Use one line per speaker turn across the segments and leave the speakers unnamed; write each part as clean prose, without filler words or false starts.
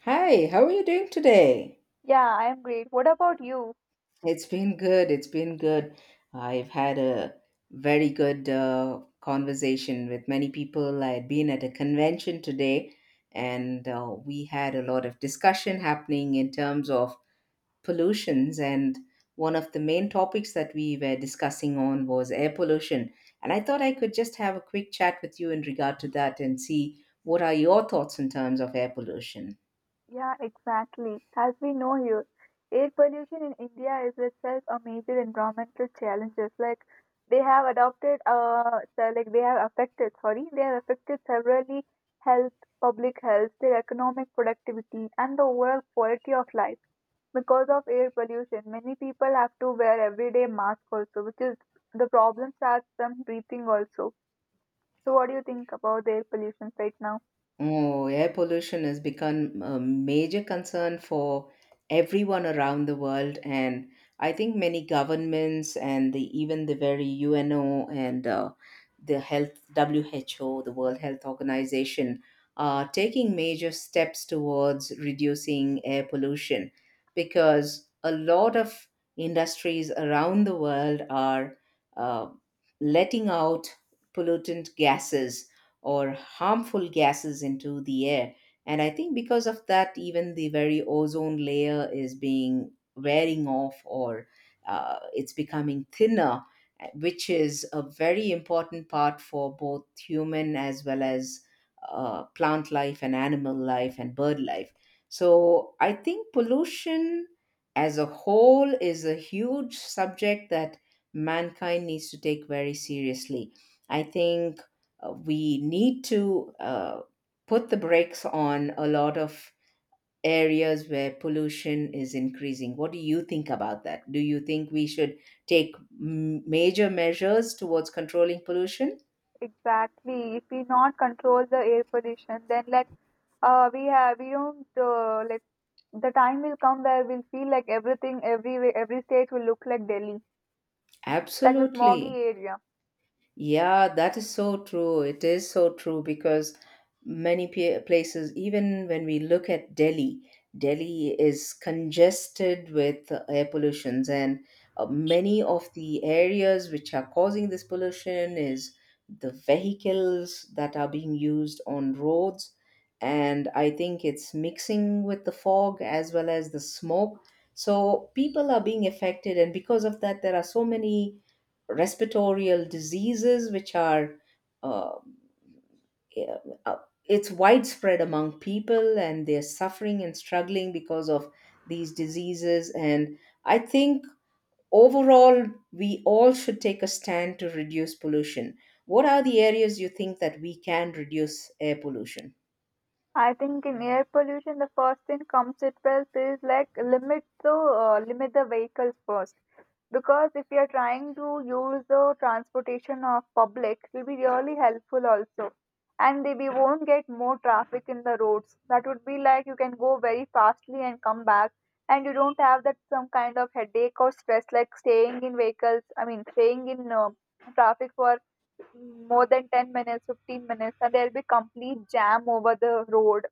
Hi, how are you doing today?
Yeah, I am great. What about you?
It's been good. It's been good. I've had a very good conversation with many people. I had been at a convention today, and we had a lot of discussion happening in terms of pollutions. And one of the main topics that we were discussing on was air pollution. And I thought I could just have a quick chat with you in regard to that and see what are your thoughts in terms of air pollution.
Yeah, exactly. As we know here, air pollution in India is itself a major environmental challenge. Just like they have adopted, they have affected, sorry, they have affected severely health, public health, their economic productivity, and the overall quality of life. Because of air pollution, many people have to wear everyday mask also, which is the problem starts from breathing also. So, what do you think about the air pollution right now?
Oh, air pollution has become a major concern for everyone around the world, and I think many governments and even the very UNO and the health WHO, the World Health Organization, are taking major steps towards reducing air pollution, because a lot of industries around the world are uh, letting out pollutant gases or harmful gases into the air. And I think because of that, even the very ozone layer is being wearing off, or it's becoming thinner, which is a very important part for both human as well as plant life and animal life and bird life. So I think pollution as a whole is a huge subject that mankind needs to take very seriously. I think we need to put the brakes on a lot of areas where pollution is increasing. What do you think about that? Do you think we should take major measures towards controlling pollution?
Exactly. If we not control the air pollution, then let we have we don't let the time will come where we'll feel like everything every state will look like Delhi, like the smoggy
Absolutely.
area.
Yeah, that is so true. It is so true, because many places, even when we look at Delhi, Delhi is congested with air pollutions, and many of the areas which are causing this pollution is the vehicles that are being used on roads. And I think it's mixing with the fog as well as the smoke. So people are being affected, and because of that, there are so many respiratory diseases which are uh, yeah, uh, it's widespread among people, and they're suffering and struggling because of these diseases. And I think overall we all should take a stand to reduce pollution. What are the areas you think that we can reduce air pollution?
I think in air pollution, the first thing comes itself is like limit the vehicles first. Because if you are trying to use the transportation of public, it will be really helpful also. And we won't get more traffic in the roads. That would be like you can go very fastly and come back, and you don't have that some kind of headache or stress like staying in vehicles. I mean, staying in traffic for more than 10 minutes, 15 minutes, and there'll be complete jam over the road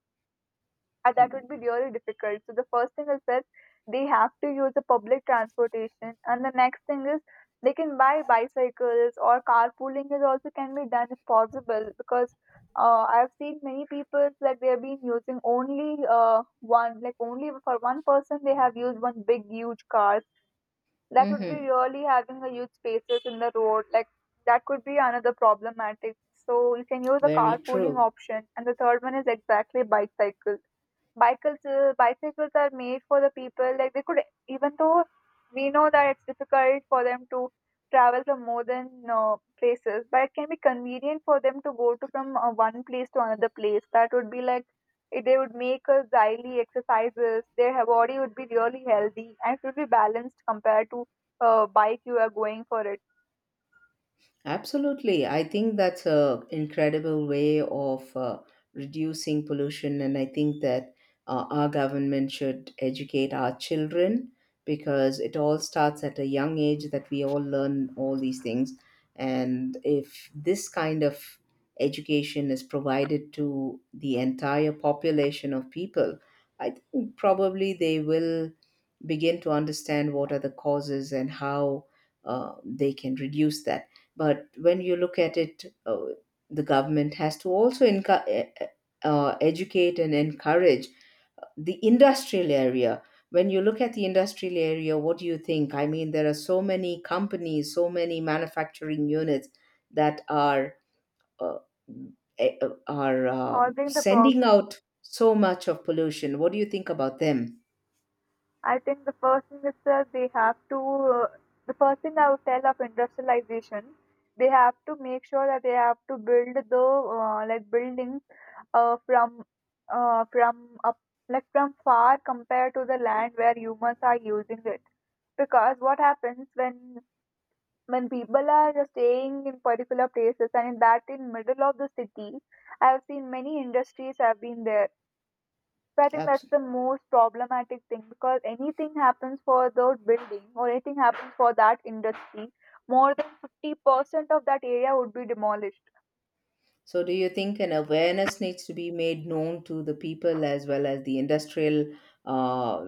that
Hmm.
would be really difficult. So the first thing is that they have to use the public transportation, and the next thing is they can buy bicycles or carpooling is also can be done if possible because I've seen many people that they have been using only one like only for one person they have used one big huge car. That would be
Mm-hmm.
really having a huge spaces in the road like that could be another problematic. So you can use the
Very
carpooling
true.
option, and the third one is exactly bicycle. Bicycles are made for the people. Like they could, even though we know that it's difficult for them to travel from more than places, but it can be convenient for them to go to from one place to another place. That would be like if they would make a daily exercises. Their body would be really healthy and it would be balanced compared to bike you are going for it,
Absolutely. I think that's a incredible way of reducing pollution, and I think that our government should educate our children, because it all starts at a young age that we all learn all these things. And if this kind of education is provided to the entire population of people, I think probably they will begin to understand what are the causes and how they can reduce that. But when you look at it, the government has to also educate and encourage the industrial area. When you look at the industrial area, what do you think? I mean, there are so many companies, so many manufacturing units that are uh, are
causing the
sending
problem.
out so much of pollution. What do you think about them?
I think the first thing is that uh, the first thing I would tell of industrialization, they have to make sure that they have to build the like buildings uh, from from up, like from far compared to the land where humans are using it. Because what happens when people are staying in particular places and in that in middle of the city, I have seen many industries have been there, so I think that's
Absolutely.
the most problematic thing because anything happens for the building or anything happens for that industry, more than 50% of that area would be demolished.
So, do you think an awareness needs to be made known to the people as well as the industrial uh,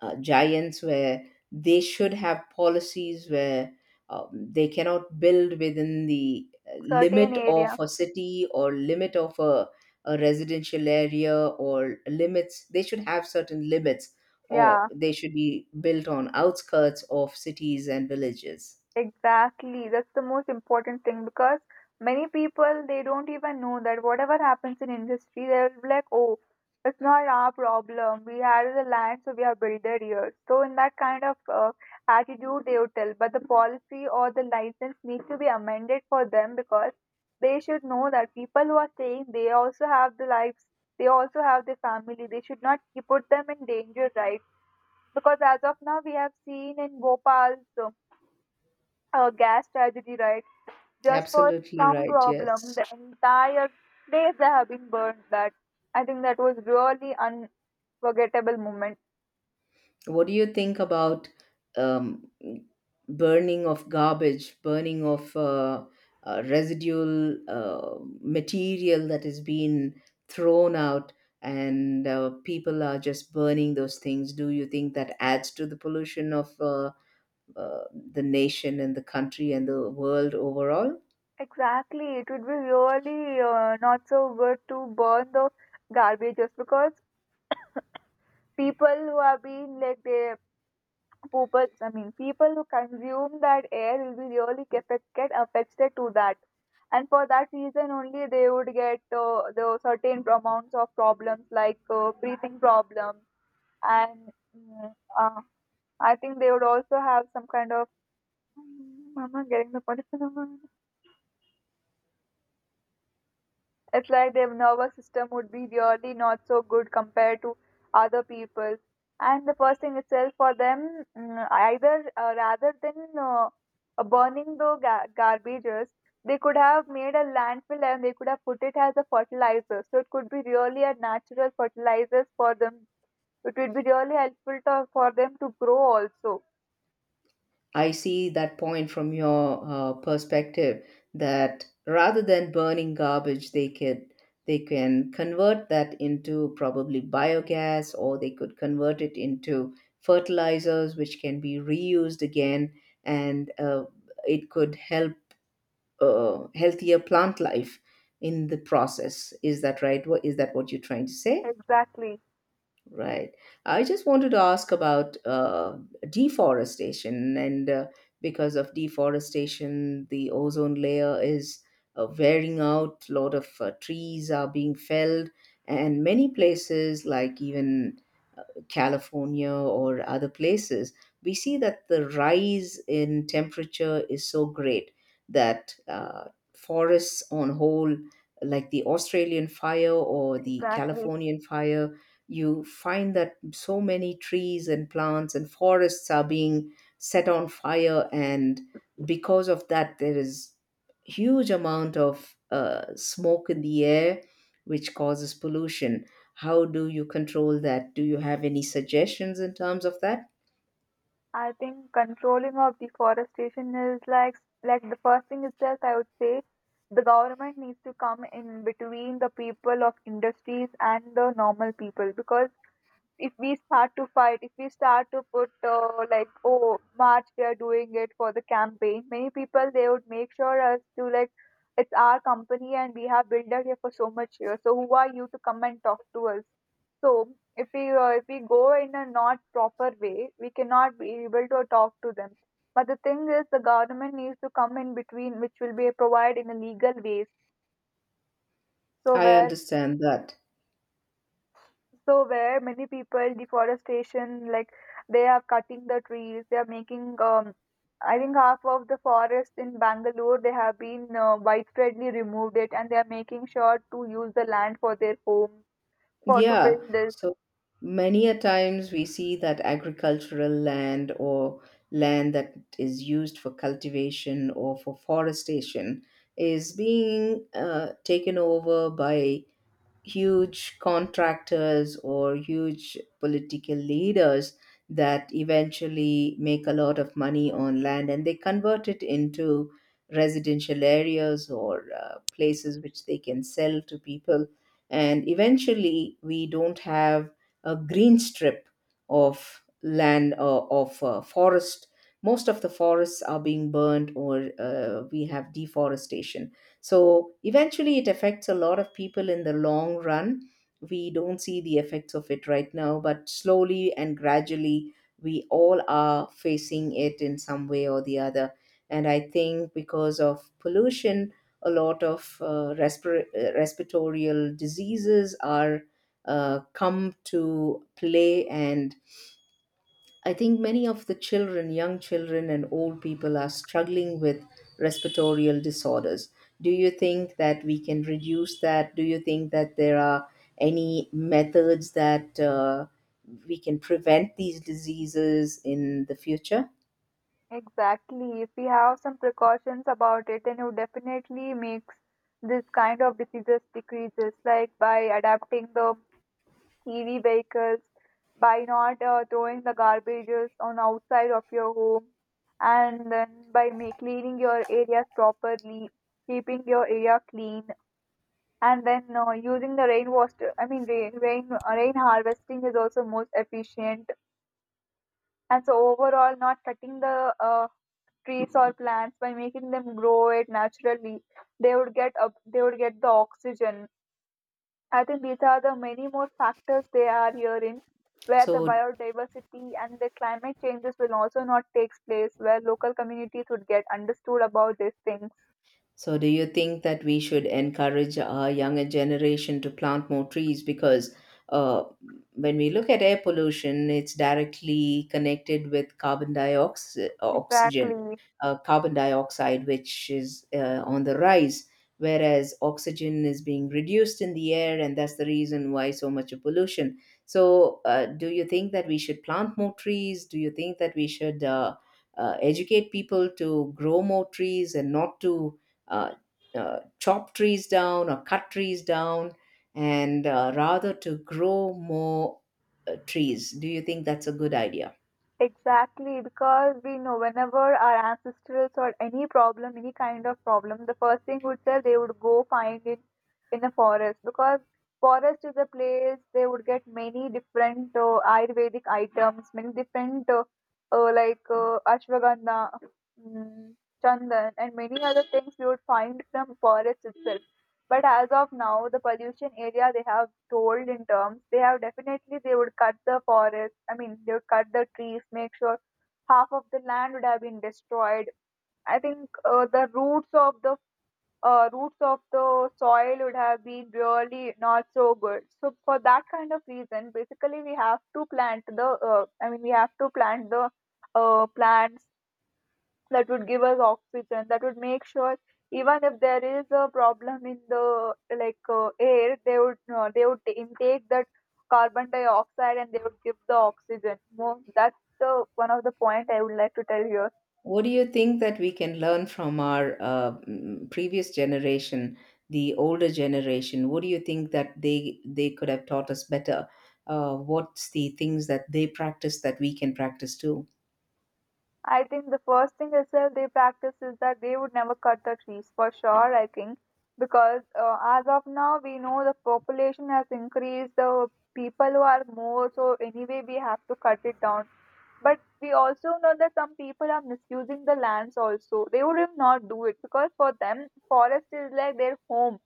giants, where they should have policies where they cannot build within the
Certain
limit of
area.
a city or limit of a residential area or limits? They should have certain limits, or
Yeah.
they should be built on outskirts of cities and villages.
Exactly, that's the most important thing because many people they don't even know that whatever happens in industry, they'll be like, "Oh, it's not our problem. We had the land, so we have built it here." So in that kind of attitude, they would tell. But the policy or the license needs to be amended for them because they should know that people who are staying, they also have the lives, they also have their family. They should not put them in danger, right? Because as of now we have seen in Bhopal, so a gas tragedy, right? Just for
Absolutely
some
right,
problem,
yes.
the entire place they have been burned. That I think that was really unforgettable moment.
What do you think about um, burning of garbage, burning of residual material that has been thrown out, and people are just burning those things? Do you think that adds to the pollution of uh, the nation and the country and the world overall?
Exactly, it would be really not so good to burn the garbage just because people who have been like they people, I mean, people who consume that air will be really get affected to that, and for that reason only they would get the certain amounts of problems like breathing problems, and mm, uh, I think they would also have some kind of. Mama, getting the point. It's like their nervous system would be really not so good compared to other people's. And the first thing itself for them, mm, either rather than burning the garbages, they could have made a landfill and they could have put it as a fertilizer. So it could be really a natural fertilizer for them. It would be really helpful to, for them to grow also.
I see that point from your perspective, that rather than burning garbage, they can convert that into probably biogas, or they could convert it into fertilizers, which can be reused again, and it could help healthier plant life in the process. Is that right? What is that what you're trying to say?
Exactly.
Right. I just wanted to ask about deforestation, and because of deforestation, the ozone layer is wearing out. A lot of trees are being felled, and many places, like even uh, California or other places, we see that the rise in temperature is so great that forests on whole, like the Australian fire or the
Exactly.
Californian fire, you find that so many trees and plants and forests are being set on fire. And because of that, there is huge amount of smoke in the air, which causes pollution. How do you control that? Do you have any suggestions in terms of that?
I think controlling of deforestation is like the first thing itself I would say the government needs to come in between the people of industries and the normal people, because if we start to fight, if we start to put like, oh, March, we are doing it for the campaign, many people they would make sure as to like, it's our company and we have built it here for so much years. So who are you to come and talk to us? So if we go in a not proper way, we cannot be able to talk to them. But the thing is, the government needs to come in between, which will be provided in a legal ways. So
I
where
understand that.
So where many people deforestation, like they are cutting the trees, they are making. I think half of the forest in Bangalore they have been widespreadly removed it, and they are making sure to use the land for their homes for to
Yeah.
build this.
So many a times we see that agricultural land or land that is used for cultivation or for forestation is being taken over by huge contractors or huge political leaders that eventually make a lot of money on land, and they convert it into residential areas or places which they can sell to people. And eventually we don't have a green strip of land of forest. Most of the forests are being burned, or we have deforestation. So eventually, it affects a lot of people in the long run. We don't see the effects of it right now, but slowly and gradually, we all are facing it in some way or the other. And I think because of pollution, a lot of respiratorial diseases are come to play. And I think many of the children, young children, and old people are struggling with respiratory disorders. Do you think that we can reduce that? Do you think that there are any methods that we can prevent these diseases in the future?
Exactly. If we have some precautions about it, then it would definitely makes this kind of diseases decreases, like by adapting the TV vehicles, by not throwing the garbages on outside of your home, and then by make, cleaning your areas properly, keeping your area clean, and then using the rain water. I mean, rain harvesting is also most efficient. And so overall, not cutting the trees or plants by making them grow it naturally, they would get up, they would get the oxygen. I think these are the many more factors they are here in where the
So,
biodiversity and the climate changes will also not take place, where local communities would get understood about these things.
So, do you think that we should encourage our younger generation to plant more trees? Because uh, when we look at air pollution, it's directly connected with carbon dioxide, oxygen,
Exactly.
carbon dioxide, which is on the rise, whereas oxygen is being reduced in the air, and that's the reason why so much of pollution. So, do you think that we should plant more trees? Do you think that we should educate people to grow more trees, and not to uh, chop trees down or cut trees down, and rather to grow more trees. Do you think that's a good idea?
Exactly, because we know whenever our ancestors or any problem, any kind of problem, the first thing would say they would go find it in a forest because forest is a place they would get many different Ayurvedic items, many different ashwagandha, mm, chandan, and many other things we would find from forest itself. But as of now, the pollution area they have told in terms, they have definitely they would cut the forest. I mean, they would cut the trees, make sure half of the land would have been destroyed. I think the roots of the roots of the soil would have been really not so good. So for that kind of reason, basically we have to plant the. I mean, we have to plant the plants that would give us oxygen that would make sure even if there is a problem in the like air they would intake that carbon dioxide and they would give the oxygen. That's the one of the point I would like to tell here.
What do you think that we can learn from our previous generation, the older generation? What do you think that they could have taught us better? What's the things that they practice that we can practice too?
I think the first thing itself they practice is that they would never cut the trees for sure. I think because as of now we know the population has increased, the people who are more, so anyway we have to cut it down. But we also know that some people are misusing the lands also. They would not do it because for them, forest is like their home,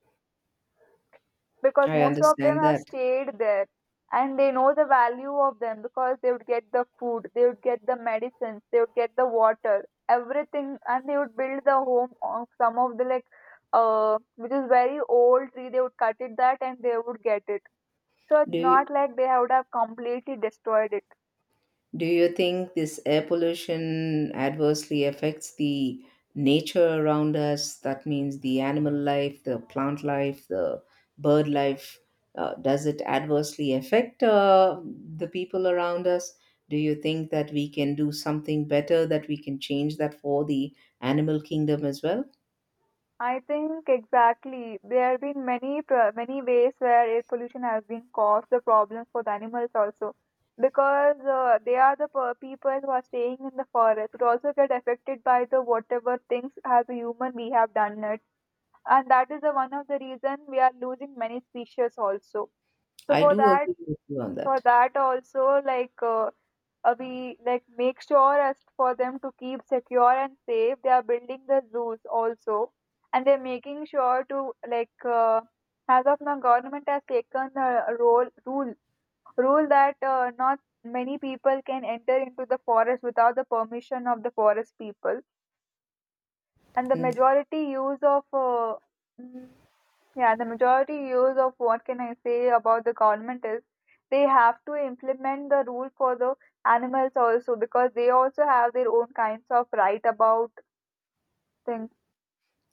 because
I
most of them
understand
have
that.
stayed there and they know the value of them, because they would get the food, they would get the medicines, they would get the water, everything, and they would build the home of some of the like, which is very old tree. They would cut it that and they would get it. So
Do
it's
you,
not like they would have completely destroyed it.
Do you think this air pollution adversely affects the nature around us? That means the animal life, the plant life, the bird life. Does it adversely affect the people around us? Do you think that we can do something better, that we can change that for the animal kingdom as well?
I think exactly. There have been many ways where air pollution has been caused the problems for the animals also, because they are the per- people who are staying in the forest would also get affected by the whatever things as a human we have done it, and that is the one of the reason we are losing many species also. So
I do agree with you on
for
that.
that also like we like make sure as for them to keep secure and safe, they are building the zoos also, and they're making sure to like as of now government has taken a role rule rule that not many people can enter into the forest without the permission of the forest people, and the majority use of yeah, the majority use of what can I say about the government is they have to implement the rule for the animals also, because they also have their own kinds of right about things.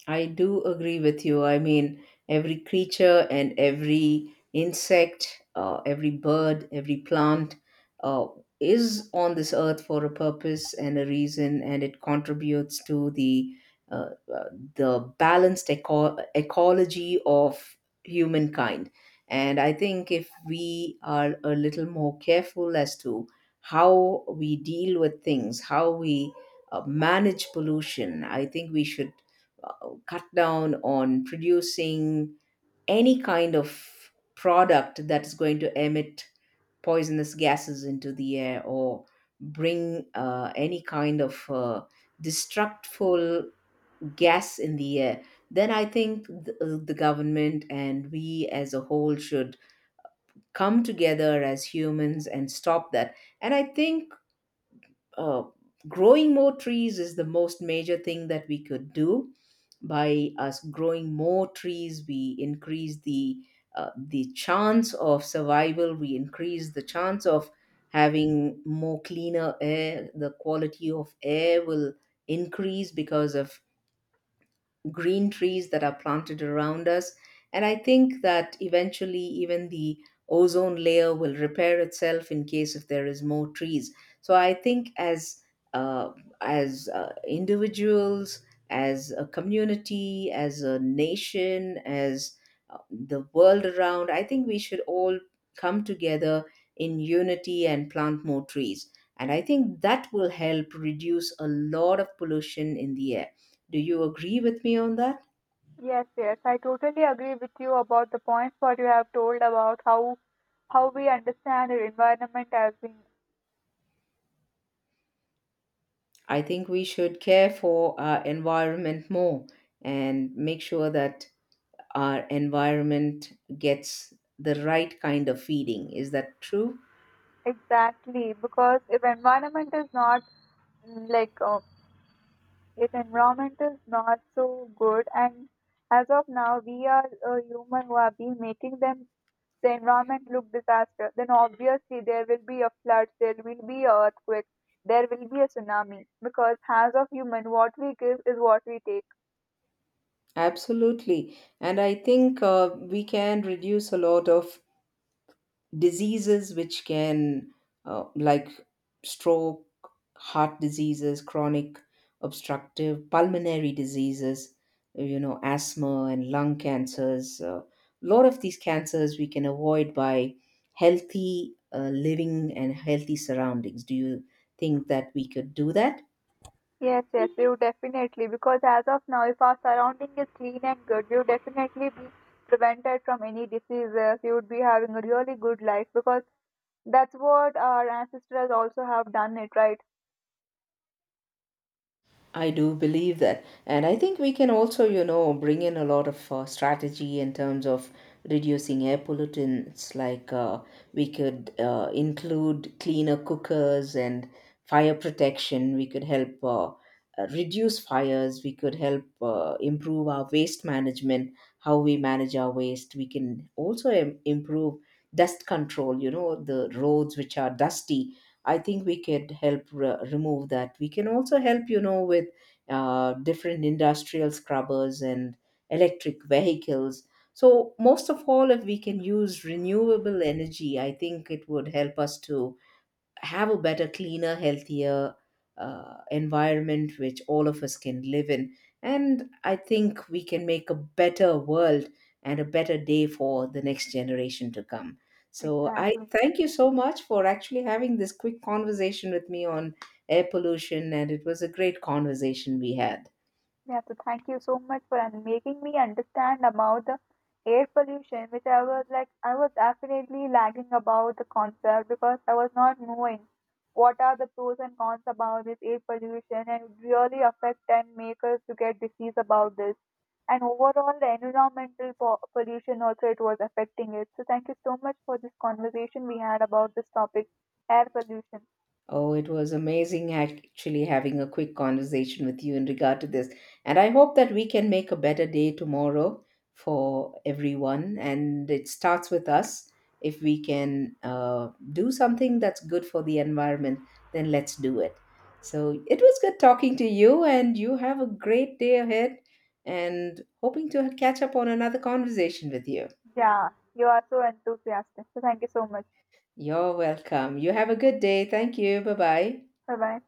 I do agree with you. I mean, every creature and every insect, every bird, every plant uh, is on this earth for a purpose and a reason, and it contributes to uh, uh, the balanced ecology of humankind. And I think if we are a little more careful as to how we deal with things, how we manage pollution, I think we should uh, cut down on producing any kind of product that is going to emit poisonous gases into the air, or bring any kind of destructful gas in the air. Then I think the government and we as a whole should come together as humans and stop that. And I think uh, growing more trees is the most major thing that we could do. By us growing more trees, we increase the chance of survival. We increase the chance of having more cleaner air. The quality of air will increase because of green trees that are planted around us. And I think that eventually, even the ozone layer will repair itself in case if there is more trees. So I think as uh, individuals, as a community, as a nation, as the world around, I think we should all come together in unity and plant more trees. And I think that will help reduce a lot of pollution in the air. Do you agree with me on that?
Yes, yes, I totally agree with you about the points what you have told about how we understand our environment as being
I think we should care for our environment more, and make sure that our environment gets the right kind of feeding. Is that true?
exactly because if environment is not mm, like uh, if environment is not so good, and as of now we are a human who have been making them the environment look disaster, then obviously there will be a flood, there will be a earthquake, there will be a tsunami. Because as of human, what we give is what we take.
Absolutely. And I think we can reduce a lot of diseases, which can like stroke, heart diseases, chronic obstructive pulmonary diseases, you know, asthma and lung cancers. A lot of these cancers we can avoid by healthy living and healthy surroundings. Do you think that we could do that?
Yes, yes, we would definitely. Because as of now, if our surrounding is clean and good, we would definitely be prevented from any diseases. We would be having a really good life because that's what our ancestors also have done it, right?
I do believe that. And I think we can also, you know, bring in a lot of strategy in terms of reducing air pollutants. Like we could include cleaner cookers and fire protection. We could help reduce fires. We could help improve our waste management, how we manage our waste. We can also improve dust control, you know, the roads which are dusty. I think we could help remove that. We can also help, you know, with different industrial scrubbers and electric vehicles. So, most of all, if we can use renewable energy, I think it would help us to have a better, cleaner, healthier environment which all of us can live in. And I think we can make a better world and a better day for the next generation to come. So I
Exactly.
thank you so much for actually having this quick conversation with me on air pollution, and it was a great conversation we had.
Yeah, so thank you so much for making me understand about the air pollution, which I was definitely lagging about the concept because I was not knowing what are the pros and cons about this air pollution and it really affect and make us to get disease about this. And overall, the environmental pollution also it was affecting it. So thank you so much for this conversation we had about this topic, air pollution.
Oh, it was amazing actually having a quick conversation with you in regard to this. And I hope that we can make a better day tomorrow for everyone. And it starts with us. If we can do something that's good for the environment, then let's do it. So it was good talking to you, and you have a great day ahead. And hoping to catch up on another conversation with you.
Yeah, you are so enthusiastic. So thank you so much.
You're welcome. You have a good day. Thank you. Bye bye.
Bye bye.